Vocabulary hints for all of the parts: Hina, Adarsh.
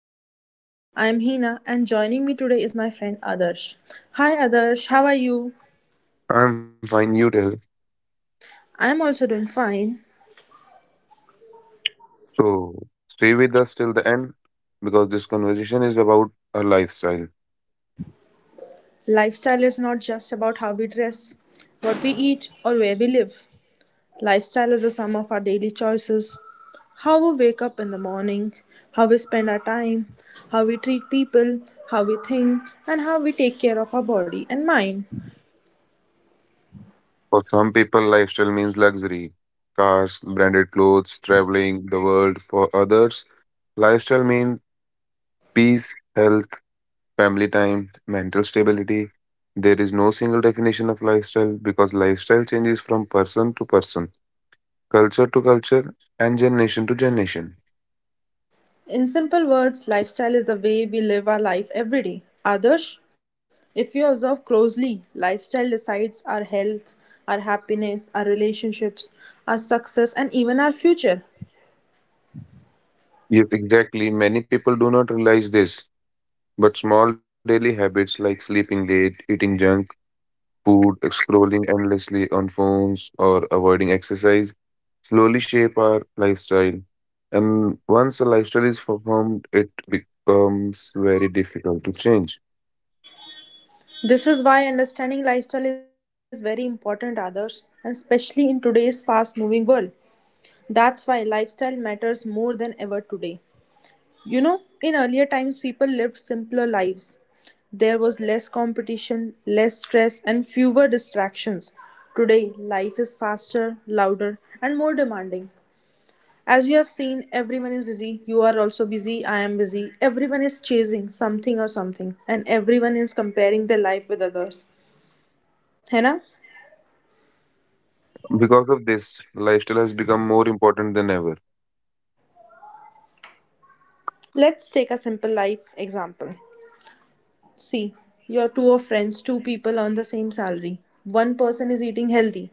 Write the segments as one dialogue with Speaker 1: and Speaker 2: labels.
Speaker 1: us. I'm Hina, and joining me today is my friend Adarsh. Hi, Adarsh, how are you?
Speaker 2: I'm fine, you tell.
Speaker 1: I'm also doing fine.
Speaker 2: So stay with us till the end because this conversation is about a lifestyle.
Speaker 1: Lifestyle is not just about how we dress, what we eat, or where we live. Lifestyle is the sum of our daily choices, how we wake up in the morning, how we spend our time, how we treat people, how we think, and how we take care of our body and mind.
Speaker 2: For some people, lifestyle means luxury, cars, branded clothes, traveling the world. For others, lifestyle means peace, health, family time, mental stability. There is no single definition of lifestyle because lifestyle changes from person to person, culture to culture, and generation to generation.
Speaker 1: In simple words, lifestyle is the way we live our life every day. Others, if you observe closely, lifestyle decides our health, our happiness, our relationships, our success, and even our future.
Speaker 2: Yes, exactly. Many people do not realize this. But small daily habits like sleeping late, eating junk food, scrolling endlessly on phones, or avoiding exercise slowly shape our lifestyle. And once a lifestyle is formed, it becomes very difficult to change.
Speaker 1: This is why understanding lifestyle is very important, others, and especially in today's fast moving world. That's why lifestyle matters more than ever today. In earlier times, people lived simpler lives. There was less competition, less stress, and fewer distractions. Today, life is faster, louder, and more demanding. As you have seen, everyone is busy. You are also busy. I am busy. Everyone is chasing something or something, and everyone is comparing their life with others. Henna,
Speaker 2: Because of this, lifestyle has become more important than ever.
Speaker 1: let's take a simple life example. See, you're two of friends, two people on the same salary. One person is eating healthy.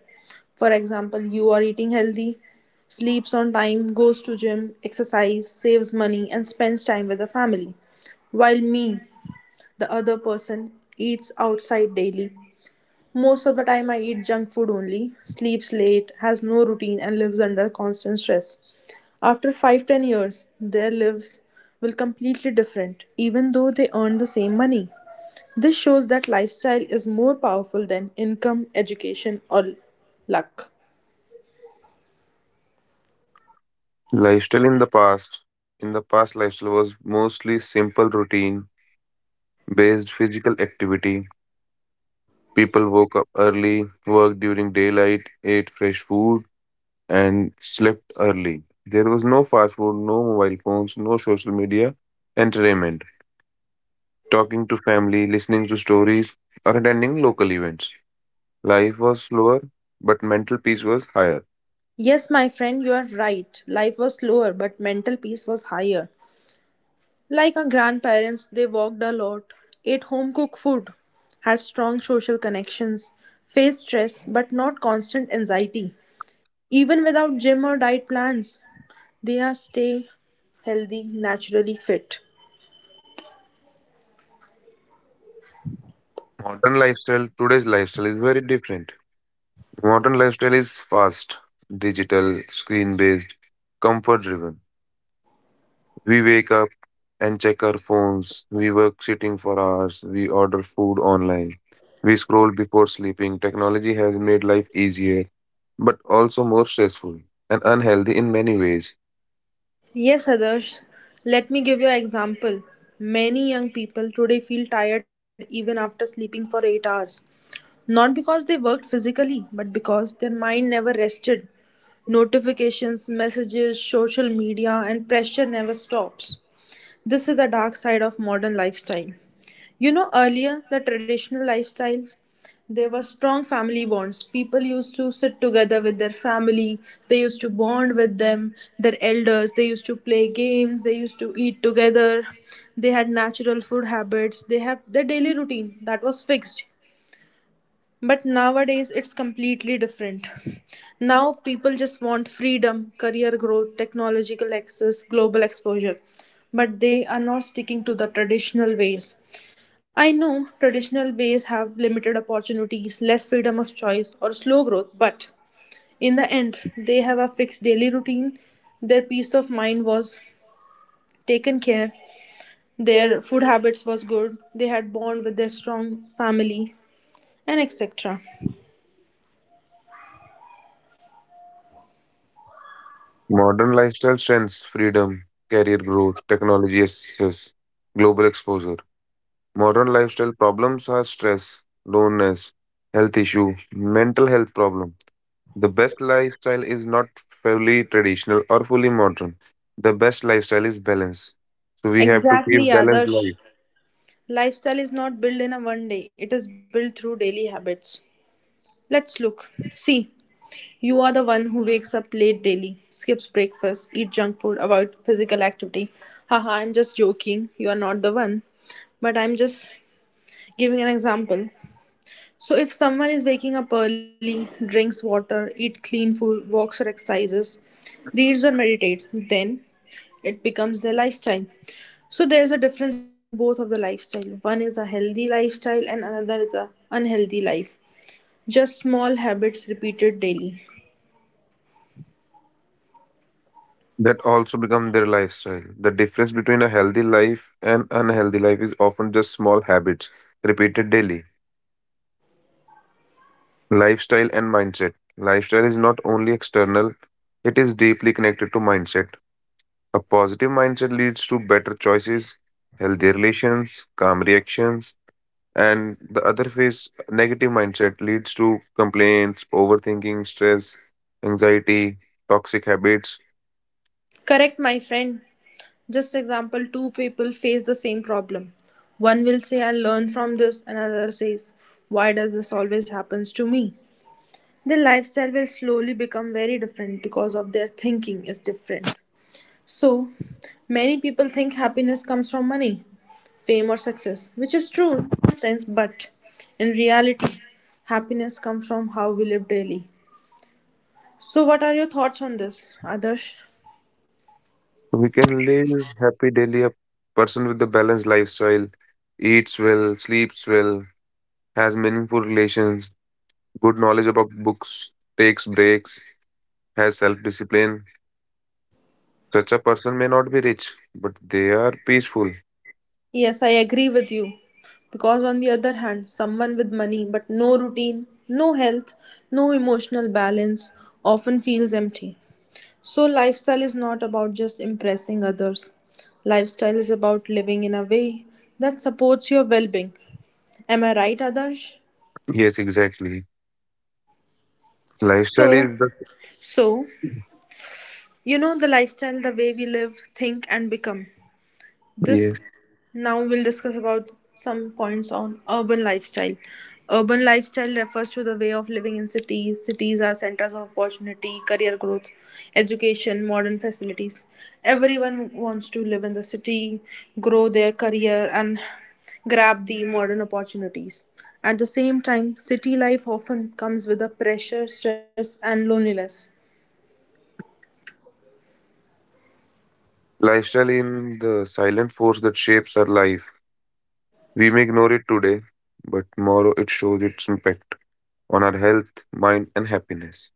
Speaker 1: For example, you are eating healthy, sleeps on time, goes to gym, exercise, saves money and spends time with the family. While me, the other person eats outside daily. Most of the time I eat junk food only, sleeps late, has no routine and lives under constant stress. After 5-10 years, their lives will completely different even though they earn the same money. This shows that lifestyle is more powerful than income, education, or luck.
Speaker 2: Lifestyle in the past, lifestyle was mostly simple routine based physical activity. People woke up early, worked during daylight, ate fresh food and slept early. There was no fast food, no mobile phones, no social media, entertainment, talking to family, listening to stories, or attending local events. Life was slower, but mental peace was higher.
Speaker 1: Yes, my friend, you are right. Life was slower, but mental peace was higher. Like our grandparents, they walked a lot, ate home cooked food, had strong social connections, faced stress but not constant anxiety. Even without gym or diet plans, they are stay healthy, naturally fit.
Speaker 2: Modern lifestyle, today's lifestyle is very different. Modern lifestyle is fast, digital, screen based, comfort driven. We wake up and check our phones, we work sitting for hours, we order food online. We scroll before sleeping. Technology has made life easier, but also more stressful and unhealthy in many ways.
Speaker 1: Yes, Adarsh, let me give you an example. Many young people today feel tired even after sleeping for 8 hours. Not because they worked physically, but because their mind never rested. Notifications, messages, social media, and pressure never stops. This is the dark side of modern lifestyle. Earlier, the traditional lifestyles, there were strong family bonds. People used to sit together with their family, they used to bond with them, their elders, they used to play games, they used to eat together, they had natural food habits, they have their daily routine that was fixed. But nowadays, it's completely different. Now, people just want freedom, career growth, technological access, global exposure. But they are not sticking to the traditional ways. I know traditional ways have limited opportunities, less freedom of choice, or slow growth, but in the end, they have a fixed daily routine. Their peace of mind was taken care, their food habits was good, they had bond with their strong family, and etc.
Speaker 2: Modern lifestyle strengths, freedom, career growth, technology access, global exposure. Modern lifestyle problems are stress, loneliness, health issue, mental health problem. The best lifestyle is not fully traditional or fully modern. The best lifestyle is balance. So we have to keep
Speaker 1: Exactly,
Speaker 2: balanced
Speaker 1: Adarsh.
Speaker 2: life.
Speaker 1: Lifestyle is not built in a one day, it is built through daily habits. Let's look. See, you are the one who wakes up late daily, skips breakfast, eat junk food, avoid physical activity. Haha, I'm just joking. You are not the one. But I'm just giving an example. So if someone is waking up early, drinks water, eat clean food, walks or exercises, reads or meditates, then it becomes their lifestyle. So there's a difference between both of the lifestyle. One is a healthy lifestyle and another is a unhealthy life. Just small habits repeated daily.
Speaker 2: That also become their lifestyle. The difference between a healthy life and unhealthy life is often just small habits repeated daily. Lifestyle and mindset. Lifestyle is not only external, it is deeply connected to mindset. A positive mindset leads to better choices, healthy relations, calm reactions, and the other phase, negative mindset leads to complaints, overthinking, stress, anxiety, toxic habits.
Speaker 1: Correct, my friend. Just example two people face the same problem. One will say, I'll learn from this, another says, why does this always happens to me? Their lifestyle will slowly become very different because of their thinking is different. So, many people think happiness comes from money, fame, or success, which is true in some sense, but in reality, happiness comes from how we live daily. So, what are your thoughts on this, Adarsh?
Speaker 2: So we can live happy daily. A person with a balanced lifestyle eats well, sleeps well, has meaningful relations, good knowledge about books, takes breaks, has self discipline. Such a person may not be rich, but they are peaceful.
Speaker 1: Yes, I agree with you. Because, on the other hand, someone with money but no routine, no health, no emotional balance often feels empty. So, lifestyle is not about just impressing others. Lifestyle is about living in a way that supports your well being. Am I right, Adarsh?
Speaker 2: Yes, exactly.
Speaker 1: So,
Speaker 2: Lifestyle is
Speaker 1: so
Speaker 2: the
Speaker 1: you know the lifestyle, the way we live, think, and become. This
Speaker 2: yes.
Speaker 1: now we'll discuss about some points on urban lifestyle. Urban lifestyle refers to the way of living in cities. Cities are centers of opportunity, career growth, education, modern facilities. Everyone wants to live in the city, grow their career, and grab the modern opportunities. At the same time, city life often comes with a pressure, stress, and loneliness.
Speaker 2: Lifestyle in the silent force that shapes our life. We may ignore it today, but tomorrow it shows its impact on our health, mind, and happiness.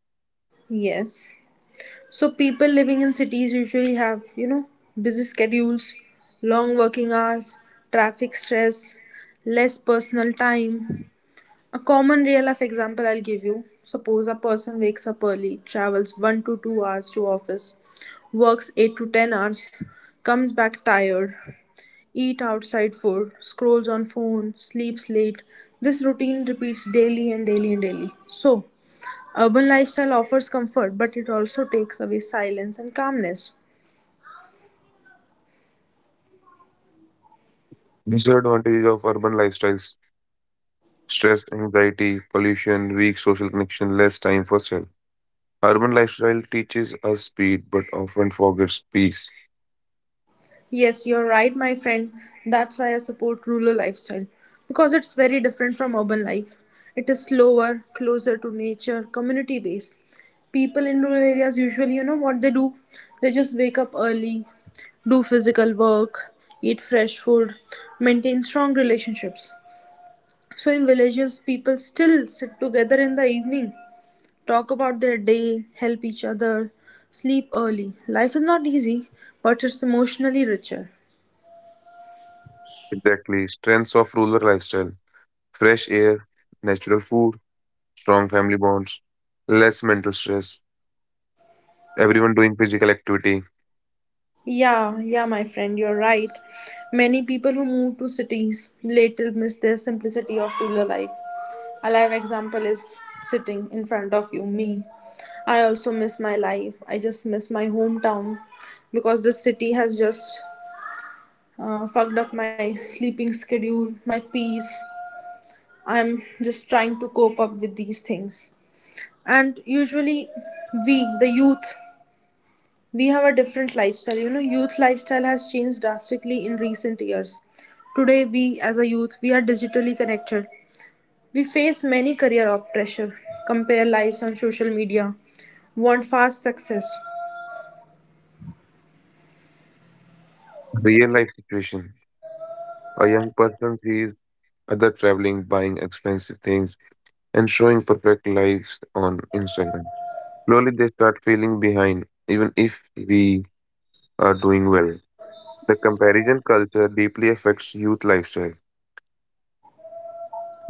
Speaker 1: Yes. So people living in cities usually have, busy schedules, long working hours, traffic stress, less personal time. A common real life example I'll give you. Suppose a person wakes up early, travels 1 to 2 hours to office, works 8 to 10 hours, comes back tired, eat outside food, scrolls on phone, sleeps late. This routine repeats daily and daily and daily. So, urban lifestyle offers comfort, but it also takes away silence and calmness.
Speaker 2: Disadvantages of urban lifestyles stress, anxiety, pollution, weak social connection, less time for self. Urban lifestyle teaches us speed but often forgets peace.
Speaker 1: Yes, you're right, my friend. That's why I support rural lifestyle because it's very different from urban life. It is slower, closer to nature, community based. People in rural areas usually, you know what they do? They just wake up early, do physical work, eat fresh food, maintain strong relationships. So in villages, people still sit together in the evening, talk about their day, help each other, sleep early. Life is not easy, but it's emotionally richer.
Speaker 2: Exactly. Strengths of rural lifestyle fresh air, natural food, strong family bonds, less mental stress, everyone doing physical activity.
Speaker 1: Yeah, yeah, my friend, you're right. Many people who move to cities later miss their simplicity of rural life. A live example is sitting in front of you, me. I also miss my life. I just miss my hometown because this city has just fucked up my sleeping schedule, my peace. I'm just trying to cope up with these things. And usually, we the youth, we have a different lifestyle. You know, youth lifestyle has changed drastically in recent years. Today, we as a youth, we are digitally connected. We face many career pressure, compare lives on social media, want fast success.
Speaker 2: Real life situation, a young person sees other traveling, buying expensive things, and showing perfect lives on Instagram. Slowly they start feeling behind, even if we are doing well. The comparison culture deeply affects youth lifestyle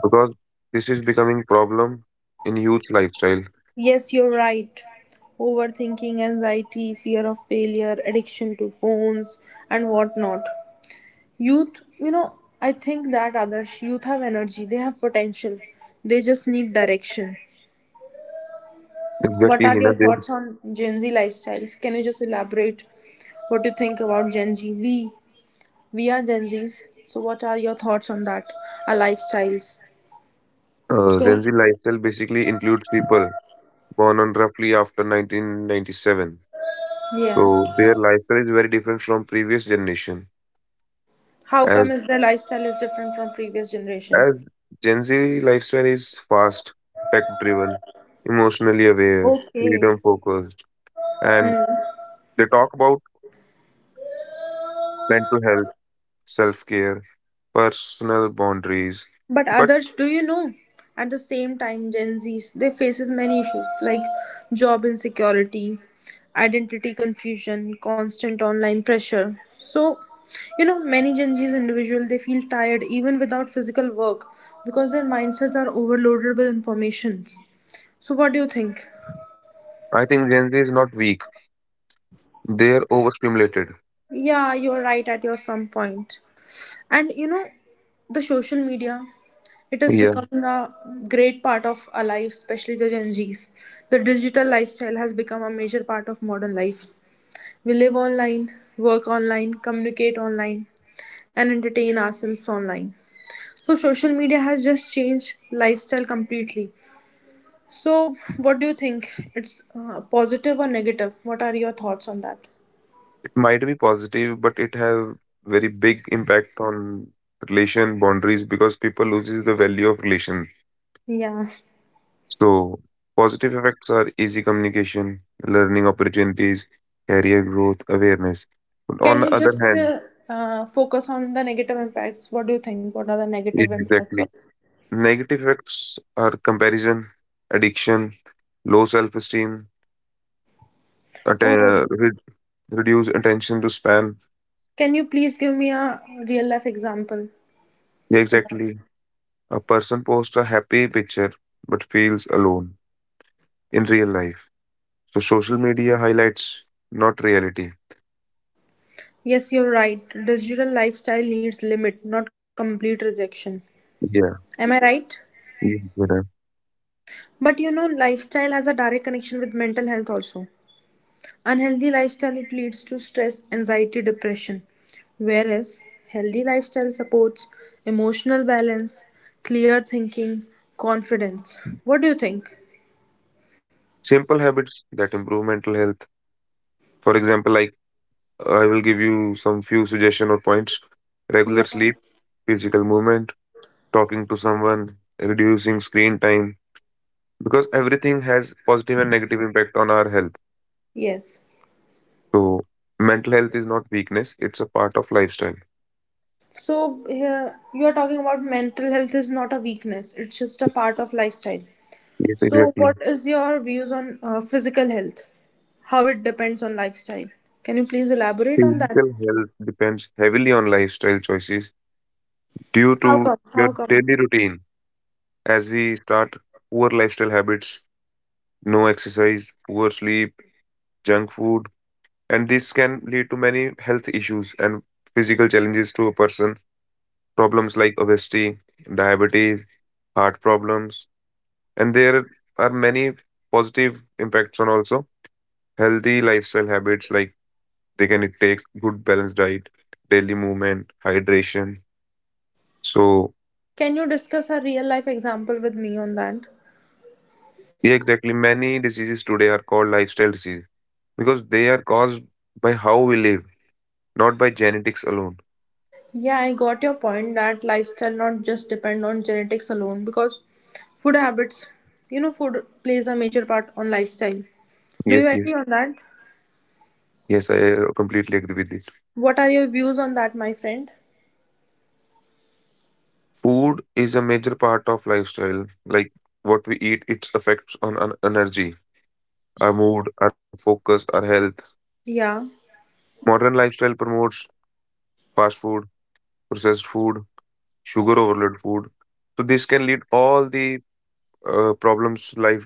Speaker 2: because this is becoming problem in youth lifestyle.
Speaker 1: Yes, you're right. Overthinking, anxiety, fear of failure, addiction to phones, and whatnot. Youth, I think that others youth have energy, they have potential, they just need direction. What
Speaker 2: Exactly,
Speaker 1: are
Speaker 2: Hina.
Speaker 1: your
Speaker 2: There,
Speaker 1: thoughts on Gen Z lifestyles? Can you just elaborate what you think about Gen Z? We are Gen Zs, so what are your thoughts on that? Our lifestyles. So
Speaker 2: Gen Z lifestyle basically includes people born on roughly after 1997.
Speaker 1: yeah,
Speaker 2: So their lifestyle is very different from previous generation.
Speaker 1: how
Speaker 2: As
Speaker 1: come is their lifestyle is different from previous generation?
Speaker 2: as Gen Z lifestyle is fast, tech driven, emotionally aware,
Speaker 1: Okay.
Speaker 2: freedom focused, and
Speaker 1: Hmm.
Speaker 2: they talk about mental health, self care, personal boundaries.
Speaker 1: But
Speaker 2: But
Speaker 1: others, do you know? At the same time, Gen Zs they faces many issues like job insecurity, identity confusion, constant online pressure. So, many Gen Zs individual they feel tired even without physical work because their mindsets are overloaded with information. So, what do you think?
Speaker 2: I think Gen Z is not weak. They're overstimulated.
Speaker 1: Yeah, you're right at your some point. And the social media, it is
Speaker 2: Yeah.
Speaker 1: becoming a great part of our life, especially the Gen Zs. The digital lifestyle has become a major part of modern life. We live online, work online, communicate online, and entertain ourselves online. So, social media has just changed lifestyle completely. So, what do you think? It's positive or negative? What are your thoughts on that?
Speaker 2: It might be positive, but it have very big impact on relation boundaries because people loses the value of relation.
Speaker 1: Yeah.
Speaker 2: So positive effects are easy communication, learning opportunities, career growth, awareness. But
Speaker 1: Can
Speaker 2: on the
Speaker 1: you
Speaker 2: other
Speaker 1: just
Speaker 2: hand,
Speaker 1: focus on the negative impacts? What do you think? What are the negative
Speaker 2: yes,
Speaker 1: impacts of?
Speaker 2: exactly, negative effects are comparison, addiction, low self-esteem, atten-
Speaker 1: Oh.
Speaker 2: uh, re- reduced attention to span.
Speaker 1: Can you please give me a real life example
Speaker 2: Yeah,
Speaker 1: for that?
Speaker 2: exactly. A person posts a happy picture but feels alone in real life. So social media highlights not reality.
Speaker 1: Yes, you're right. Digital lifestyle needs limit, not complete rejection. Am
Speaker 2: Yeah.
Speaker 1: I right?
Speaker 2: Yeah, yeah.
Speaker 1: But lifestyle has a direct connection with mental health also. Unhealthy lifestyle it leads to stress, anxiety, depression. Whereas healthy lifestyle supports emotional balance, clear thinking, confidence. What do you think?
Speaker 2: Simple habits that improve mental health. For example, like I will give you some few suggestion or points. Regular
Speaker 1: Yeah.
Speaker 2: sleep, physical movement, talking to someone, reducing screen time. Because everything has positive and negative impact on our health.
Speaker 1: Yes.
Speaker 2: So mental health is not weakness, it's a part of lifestyle.
Speaker 1: So yeah, you are talking about mental health is not a weakness; it's just a part of lifestyle.
Speaker 2: Yes,
Speaker 1: So
Speaker 2: exactly.
Speaker 1: what is your views on physical health? How it depends on lifestyle? Can you please elaborate on that?
Speaker 2: Physical health depends heavily on lifestyle choices due to
Speaker 1: How come?
Speaker 2: your
Speaker 1: How come?
Speaker 2: daily routine. As we start, poor lifestyle habits, no exercise, poor sleep, junk food, and this can lead to many health issues and physical challenges to a person. Problems like obesity, diabetes, heart problems, and there are many positive impacts on also healthy lifestyle habits like they can take good balanced diet, daily movement, hydration. So
Speaker 1: Can you discuss a real life example with me on that?
Speaker 2: yeah, exactly, many diseases today are called lifestyle diseases because they are caused by how we live, not by genetics alone.
Speaker 1: Yeah, I got your point that lifestyle not just depend on genetics alone because food habits, food plays a major part on lifestyle. Do
Speaker 2: Yes,
Speaker 1: you agree
Speaker 2: yes.
Speaker 1: on that?
Speaker 2: Yes, I completely agree with it.
Speaker 1: What are your views on that, my friend?
Speaker 2: Food is a major part of lifestyle. Like what we eat, it affects on our energy, our mood, our focus, our health.
Speaker 1: Yeah.
Speaker 2: Modern lifestyle promotes fast food, processed food, sugar overload food. So this can lead all the problems, life,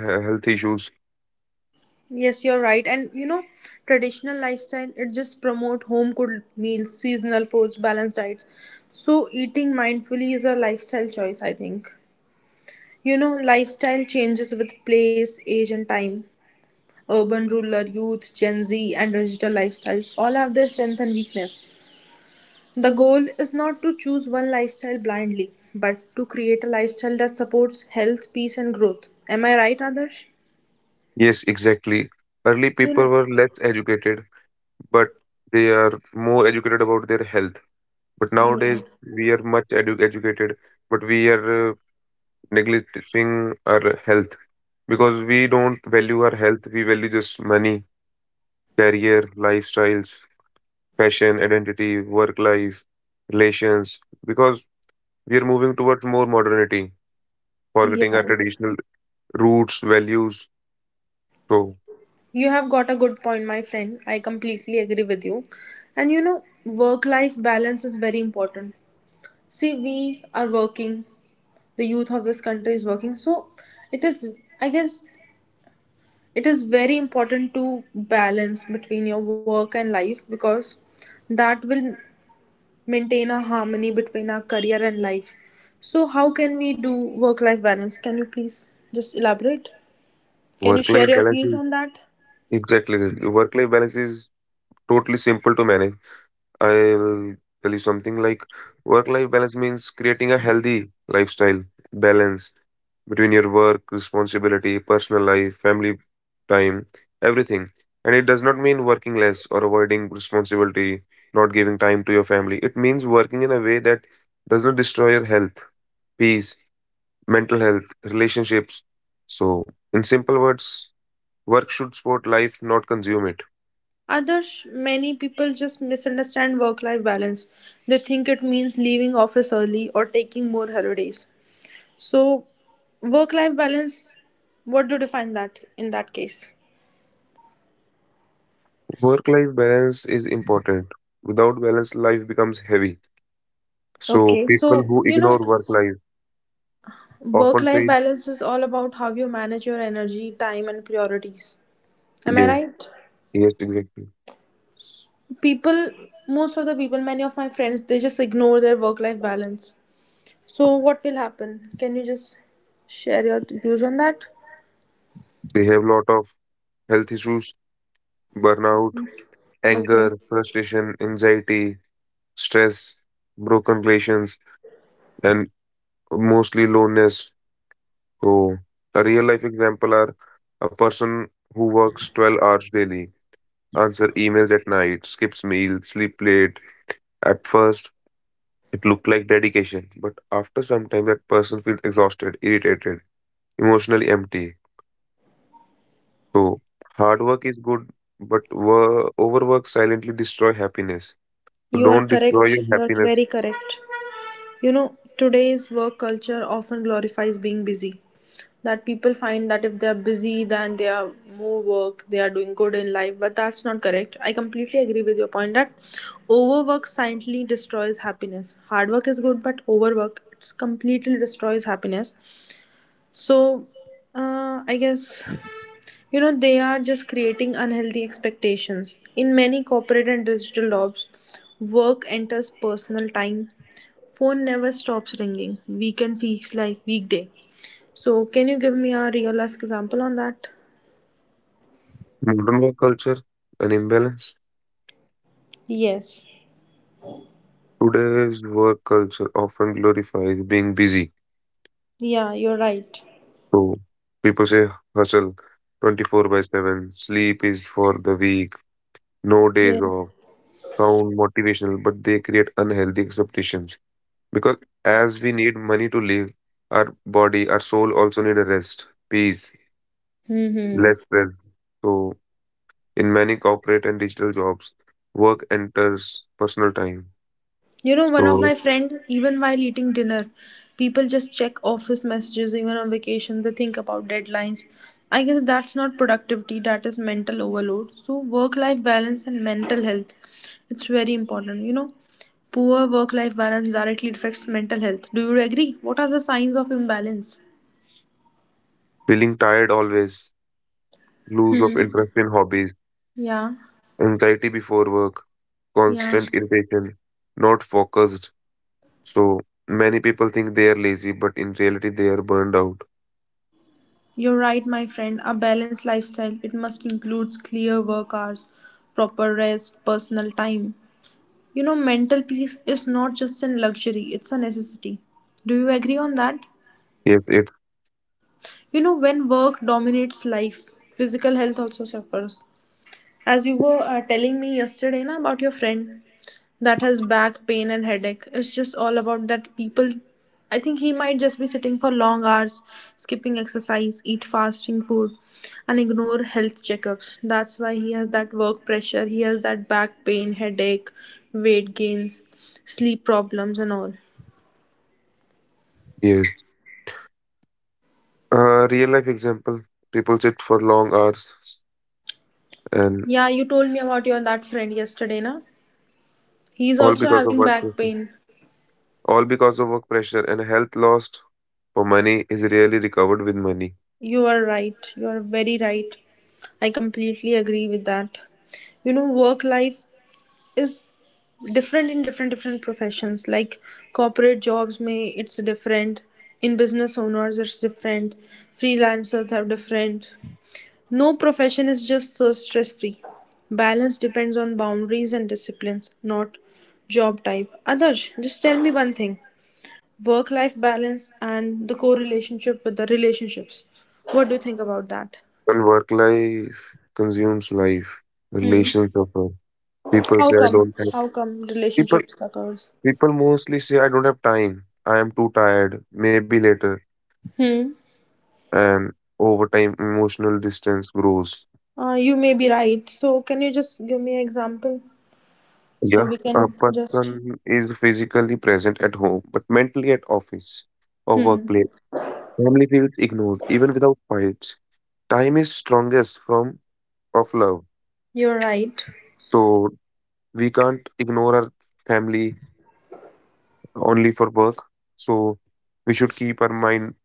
Speaker 2: health issues.
Speaker 1: Yes, you're right. And traditional lifestyle it just promote home cooked meals, seasonal foods, balanced diets. So eating mindfully is a lifestyle choice, I think. Lifestyle changes with place, age and time. Urban, rural, youth, Gen Z and digital lifestyles all have their strength and weakness. The goal is not to choose one lifestyle blindly, but to create a lifestyle that supports health, peace and growth. Am I right, Adarsh?
Speaker 2: Yes, exactly. Early
Speaker 1: You know,
Speaker 2: people were less educated, but they are more educated about their health. But nowadays, we are much educated, but we are neglecting our health because we don't value our health. We value just money, career, lifestyles, fashion, identity, work life, relations, because we are moving towards more modernity, forgetting our
Speaker 1: yes.
Speaker 2: traditional roots, values. So,
Speaker 1: You have got a good point, my friend. I completely agree with you. And you know, work life balance is very important. See, we are working, the youth of this country is working. So, it is, I guess, it is very important to balance between your work and life because that will maintain a harmony between our career and life. So, how can we do work life balance? Can you please just elaborate? Can you
Speaker 2: work
Speaker 1: share
Speaker 2: life
Speaker 1: your
Speaker 2: balance
Speaker 1: views
Speaker 2: is
Speaker 1: on that?
Speaker 2: exactly work life balance is totally simple to manage. I'll tell you something like work life balance means creating a healthy lifestyle balance between your work, responsibility, personal life, family time, everything. And it does not mean working less or avoiding responsibility, not giving time to your family. It means working in a way that does not destroy your health, peace, mental health, relationships. So, in simple words, work should support life, not consume it.
Speaker 1: Others, many people just misunderstand work life balance. They think it means leaving office early or taking more holidays. So, work life balance, what do you define that in that case?
Speaker 2: Work life balance is important. Without balance, life becomes heavy. So
Speaker 1: Okay, so
Speaker 2: people who
Speaker 1: you know,
Speaker 2: ignore work life
Speaker 1: work
Speaker 2: often
Speaker 1: life
Speaker 2: face
Speaker 1: balance is all about how you manage your energy, time, and priorities. Am I
Speaker 2: yes,
Speaker 1: right?
Speaker 2: yes, exactly.
Speaker 1: People, most of the people, many of my friends, they just ignore their work life balance. So, what will happen? Can you just share your views on that?
Speaker 2: They have lot of health issues, burnout,
Speaker 1: Okay.
Speaker 2: anger, frustration, anxiety, stress, broken relations, and mostly loneliness. So a real life example are a person who works 12 hours daily, answer emails at night, skips meals, sleep late. At first, it looked like dedication, but after some time, that person feels exhausted, irritated, emotionally empty. So, hard work is good, but overwork silently destroy happiness. So,
Speaker 1: You are
Speaker 2: don't destroy
Speaker 1: correct.
Speaker 2: your
Speaker 1: You are
Speaker 2: happiness.
Speaker 1: very correct. You know, today's work culture often glorifies being busy. That people find that if they are busy, then they are more work, they are doing good in life. But that's not correct. I completely agree with your point that overwork silently destroys happiness. Hard work is good, but overwork it completely destroys happiness. So, I guess you know they are just creating unhealthy expectations in many corporate and digital jobs, work enters personal time, phone never stops ringing, weekend feels like weekday. So can you give me a real life example on that?
Speaker 2: Modern work culture, an imbalance.
Speaker 1: Yes.
Speaker 2: Today's work culture often glorifies being busy.
Speaker 1: Yeah, you're right.
Speaker 2: So, people say hustle 24 by 7, sleep is for the weak, no days
Speaker 1: Yes.
Speaker 2: off, sound motivational, but they create unhealthy expectations. Because as we need money to live, our body, our soul also need a rest, peace,
Speaker 1: Hmm.
Speaker 2: less stress. So in many corporate and digital jobs, work enters personal time.
Speaker 1: You know, one of
Speaker 2: So
Speaker 1: my friend, even while eating dinner, people just check office messages even on vacation. They think about deadlines. I guess that's not productivity, that is mental overload. So work life balance and mental health, it's very important. You know, poor work life balance directly affects mental health. Do you agree? What are the signs of imbalance?
Speaker 2: feeling tired always, lose of
Speaker 1: Hmm.
Speaker 2: interest in hobbies,
Speaker 1: Yeah.
Speaker 2: anxiety before work,
Speaker 1: Yeah.
Speaker 2: constant irritation, not focused. So many people think they are lazy, but in reality they are burned out.
Speaker 1: You're right, my friend. A balanced lifestyle, it must includes clear work hours, proper rest, personal time. You know, mental peace is not just a luxury, it's a necessity. Do you agree on that?
Speaker 2: Yes, it
Speaker 1: You know, when work dominates life, physical health also suffers. As you were telling me yesterday na, about your friend that has back pain and headache, it's just all about that people. I think he might just be sitting for long hours, skipping exercise, eat fasting food, and ignore health checkups. That's why he has that work pressure, he has that back pain, headache, weight gains, sleep problems, and all.
Speaker 2: yes. Real life example: people sit for long hours, and
Speaker 1: Yeah, you told me about your that friend yesterday, na? He's
Speaker 2: all
Speaker 1: also
Speaker 2: because of
Speaker 1: having
Speaker 2: work
Speaker 1: back
Speaker 2: pressure.
Speaker 1: pain.
Speaker 2: All because of work pressure and health lost for money is rarely recovered with money.
Speaker 1: You are right. You are very right. I completely agree with that. You know, work life is different in different professions. Like corporate jobs may it's different. In business owners it's different. Freelancers are different. No profession is just so stress free. Balance depends on boundaries and disciplines, not job type. Others, just tell me one thing. Work life balance and the correlationship with the relationships. What do you think about that?
Speaker 2: And work life consumes life.
Speaker 1: Hmm.
Speaker 2: Relations suffer. People
Speaker 1: How
Speaker 2: say I
Speaker 1: come?
Speaker 2: don't have
Speaker 1: How come
Speaker 2: people
Speaker 1: relationship suckers?
Speaker 2: people mostly say I don't have time. I am too tired. Maybe later.
Speaker 1: Hmm.
Speaker 2: And over time emotional distance grows.
Speaker 1: You may be right. So can you just give me an example so
Speaker 2: Yeah.
Speaker 1: we
Speaker 2: A
Speaker 1: can just...
Speaker 2: person is physically present at home, but mentally at office or
Speaker 1: Hmm.
Speaker 2: workplace. Family feels ignored even without fights. Time is strongest from of love.
Speaker 1: You're right.
Speaker 2: So we can't ignore our family only for work. So we should keep our mind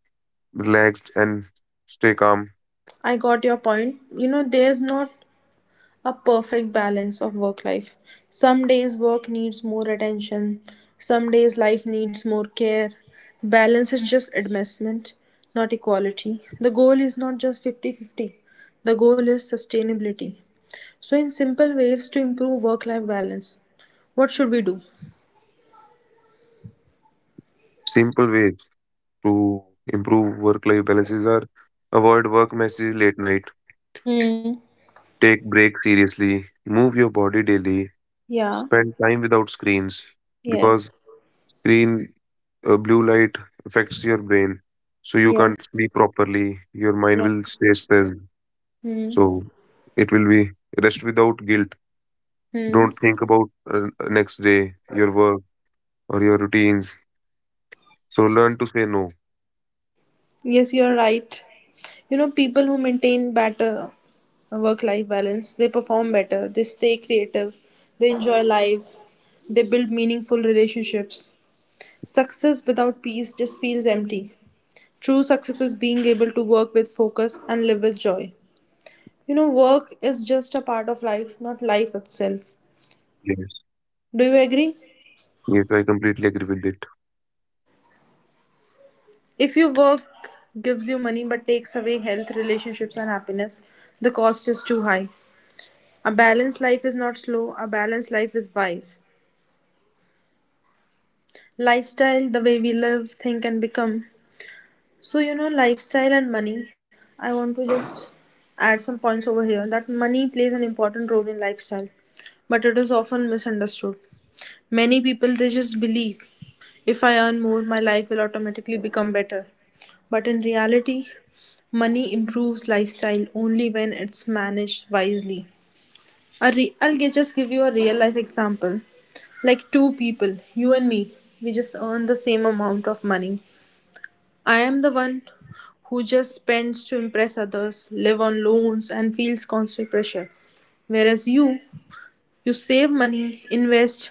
Speaker 2: relaxed and stay calm.
Speaker 1: I got your point. You know, there's not a perfect balance of work life. Some days work needs more attention, some days life needs more care. Balance is just advancement, not equality. The goal is not just 50-50. The goal is sustainability. So, in simple ways to improve work life balance, what should we do?
Speaker 2: Simple ways to improve work-life balances are avoid work messages late night,
Speaker 1: Hmm.
Speaker 2: take breaks seriously, move your body daily,
Speaker 1: Yeah.
Speaker 2: spend time without screens
Speaker 1: Yes.
Speaker 2: because screen blue light affects your brain. So you can't
Speaker 1: Yes.
Speaker 2: sleep properly. Your mind
Speaker 1: Yeah.
Speaker 2: will stay stressed.
Speaker 1: Hmm.
Speaker 2: So it will be rest without guilt.
Speaker 1: Hmm.
Speaker 2: Don't think about next day, your work, or your routines. So learn to say no.
Speaker 1: Yes, you're right. You know, people who maintain better work life balance, they perform better, they stay creative, they enjoy life, they build meaningful relationships. Success without peace just feels empty. True success is being able to work with focus and live with joy. You know, work is just a part of life, not life itself.
Speaker 2: Yes.
Speaker 1: Do you agree?
Speaker 2: Yes, I completely agree with it.
Speaker 1: If your work gives you money but takes away health, relationships, and happiness, the cost is too high. A balanced life is not slow, a balanced life is wise. Lifestyle, the way we live, think, and become. So, you know, lifestyle and money, I want to just add some points over here that money plays an important role in lifestyle, but it is often misunderstood. Many people they just believe if I earn more, my life will automatically become better. But in reality, money improves lifestyle only when it's managed wisely. A just give you a real life example. Like two people, you and me, we just earn the same amount of money. I am the one who just spends to impress others, live on loans, and feels constant pressure. Whereas you, you save money, invest,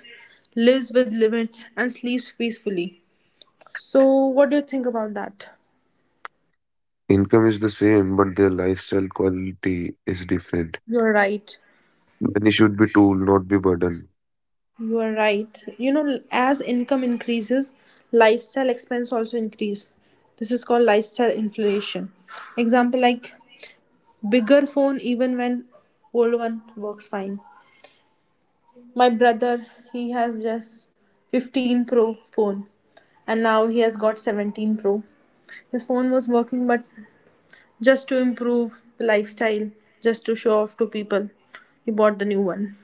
Speaker 1: lives with limits, and sleeps peacefully. So, what do you think about that?
Speaker 2: Income is the same, but their lifestyle quality is different.
Speaker 1: You're right.
Speaker 2: Money should be tool, not be burden.
Speaker 1: You are right. You know, as income increases, lifestyle expense also increase. This is called lifestyle inflation. Example like bigger phone even when old one works fine. My brother, he has just 15 Pro phone and now he has got 17 Pro. His phone was working but just to improve the lifestyle, just to show off to people. He bought the new one.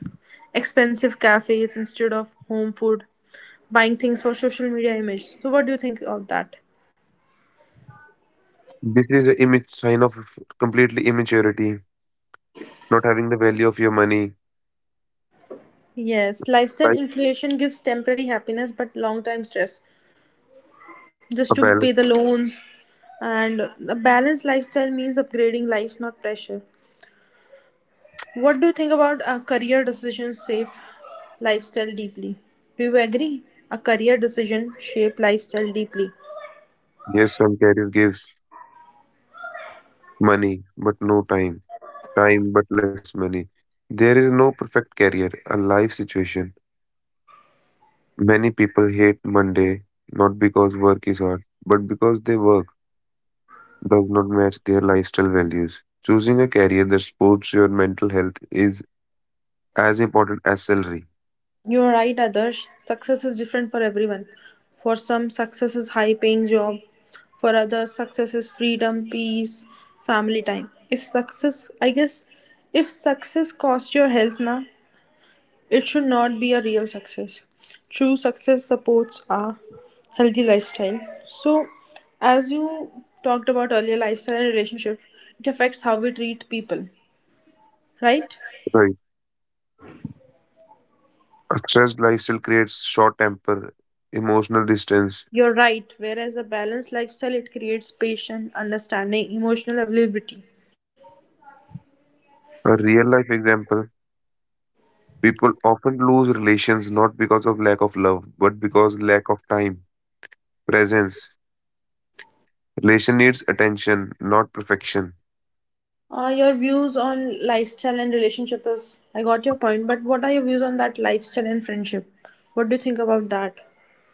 Speaker 1: Expensive cafes instead of home food, buying things for social media image. So, what do you think of that?
Speaker 2: This is a image sign of completely immaturity, not having the value of your money.
Speaker 1: Yes, lifestyle
Speaker 2: Right.
Speaker 1: inflation gives temporary happiness but long time stress.
Speaker 2: A
Speaker 1: Just to pay
Speaker 2: balance.
Speaker 1: the loans, and a balanced lifestyle means upgrading life, not pressure. What do you think about a career decision shape lifestyle deeply? Do you agree? A career decision shape lifestyle deeply.
Speaker 2: Yes, some career gives money, but no time. Time, but less money. There is no perfect career, a life situation. Many people hate Monday not because work is hard, but because their work does not match their lifestyle values. Choosing a career that supports your mental health is as important as salary.
Speaker 1: You are right, Adarsh. Success is different for everyone. For some, success is high paying job. For others, success is freedom, peace, family time. If success, I guess, if success costs your health na, it should not be a real success. True success supports a healthy lifestyle. So, as you talked about earlier, lifestyle and relationship, it affects how we treat people, right?
Speaker 2: Right. A stressed lifestyle creates short temper, emotional distance.
Speaker 1: You're right. Whereas a balanced lifestyle, it creates patience, understanding, emotional availability.
Speaker 2: A real life example, people often lose relations not because of lack of love, but because lack of time, presence. Relation needs attention, not perfection.
Speaker 1: Your views on lifestyle and relationship is, I got your point, but what are your views on that lifestyle and friendship? What do you think about that?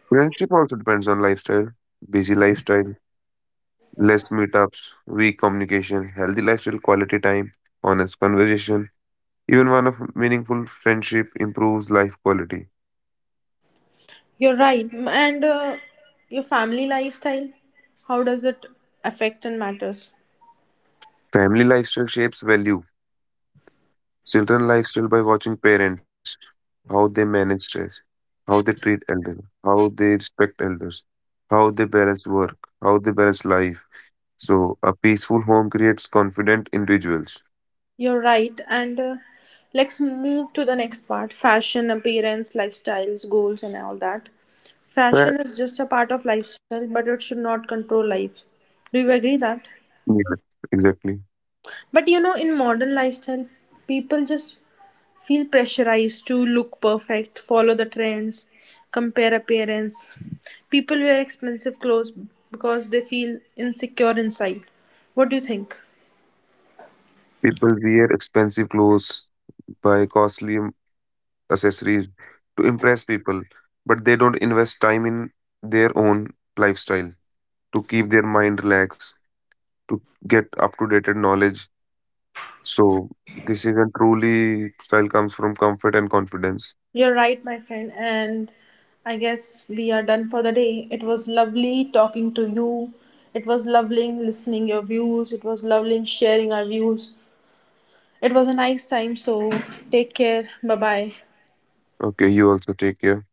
Speaker 2: Friendship also depends on lifestyle. Busy lifestyle less meetups, weak communication, healthy lifestyle, quality time, honest conversation. Even one of meaningful friendship improves life quality.
Speaker 1: You're right. And your family lifestyle, how does it affect and matters?
Speaker 2: Family lifestyle shapes value. Children lifestyle by watching parents, how they manage stress, how they treat elders, how they respect elders, how they balance work, how they balance life. So a peaceful home creates confident individuals.
Speaker 1: You're right. And let's move to the next part, fashion, appearance, lifestyles, goals, and all that.
Speaker 2: Right.
Speaker 1: Fashion is just a part of lifestyle, but it should not control life. Do you agree that?
Speaker 2: Yeah, exactly.
Speaker 1: But you know, in modern lifestyle, people just feel pressurized to look perfect, follow the trends, compare appearance. People wear expensive clothes because they feel insecure inside. What do you think?
Speaker 2: People wear expensive clothes, buy costly accessories to impress people, but they don't invest time in their own lifestyle to keep their mind relaxed, to get up to date knowledge. So, this is a truly style comes from comfort and confidence.
Speaker 1: You're right, my friend, and I guess we are done for the day. It was lovely talking to you. It was lovely listening your views. It was lovely sharing our views. It was a nice time, so take care. Bye bye.
Speaker 2: Okay, you also take care.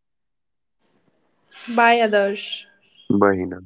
Speaker 1: Bye, Adarsh.
Speaker 2: Bye, Hina.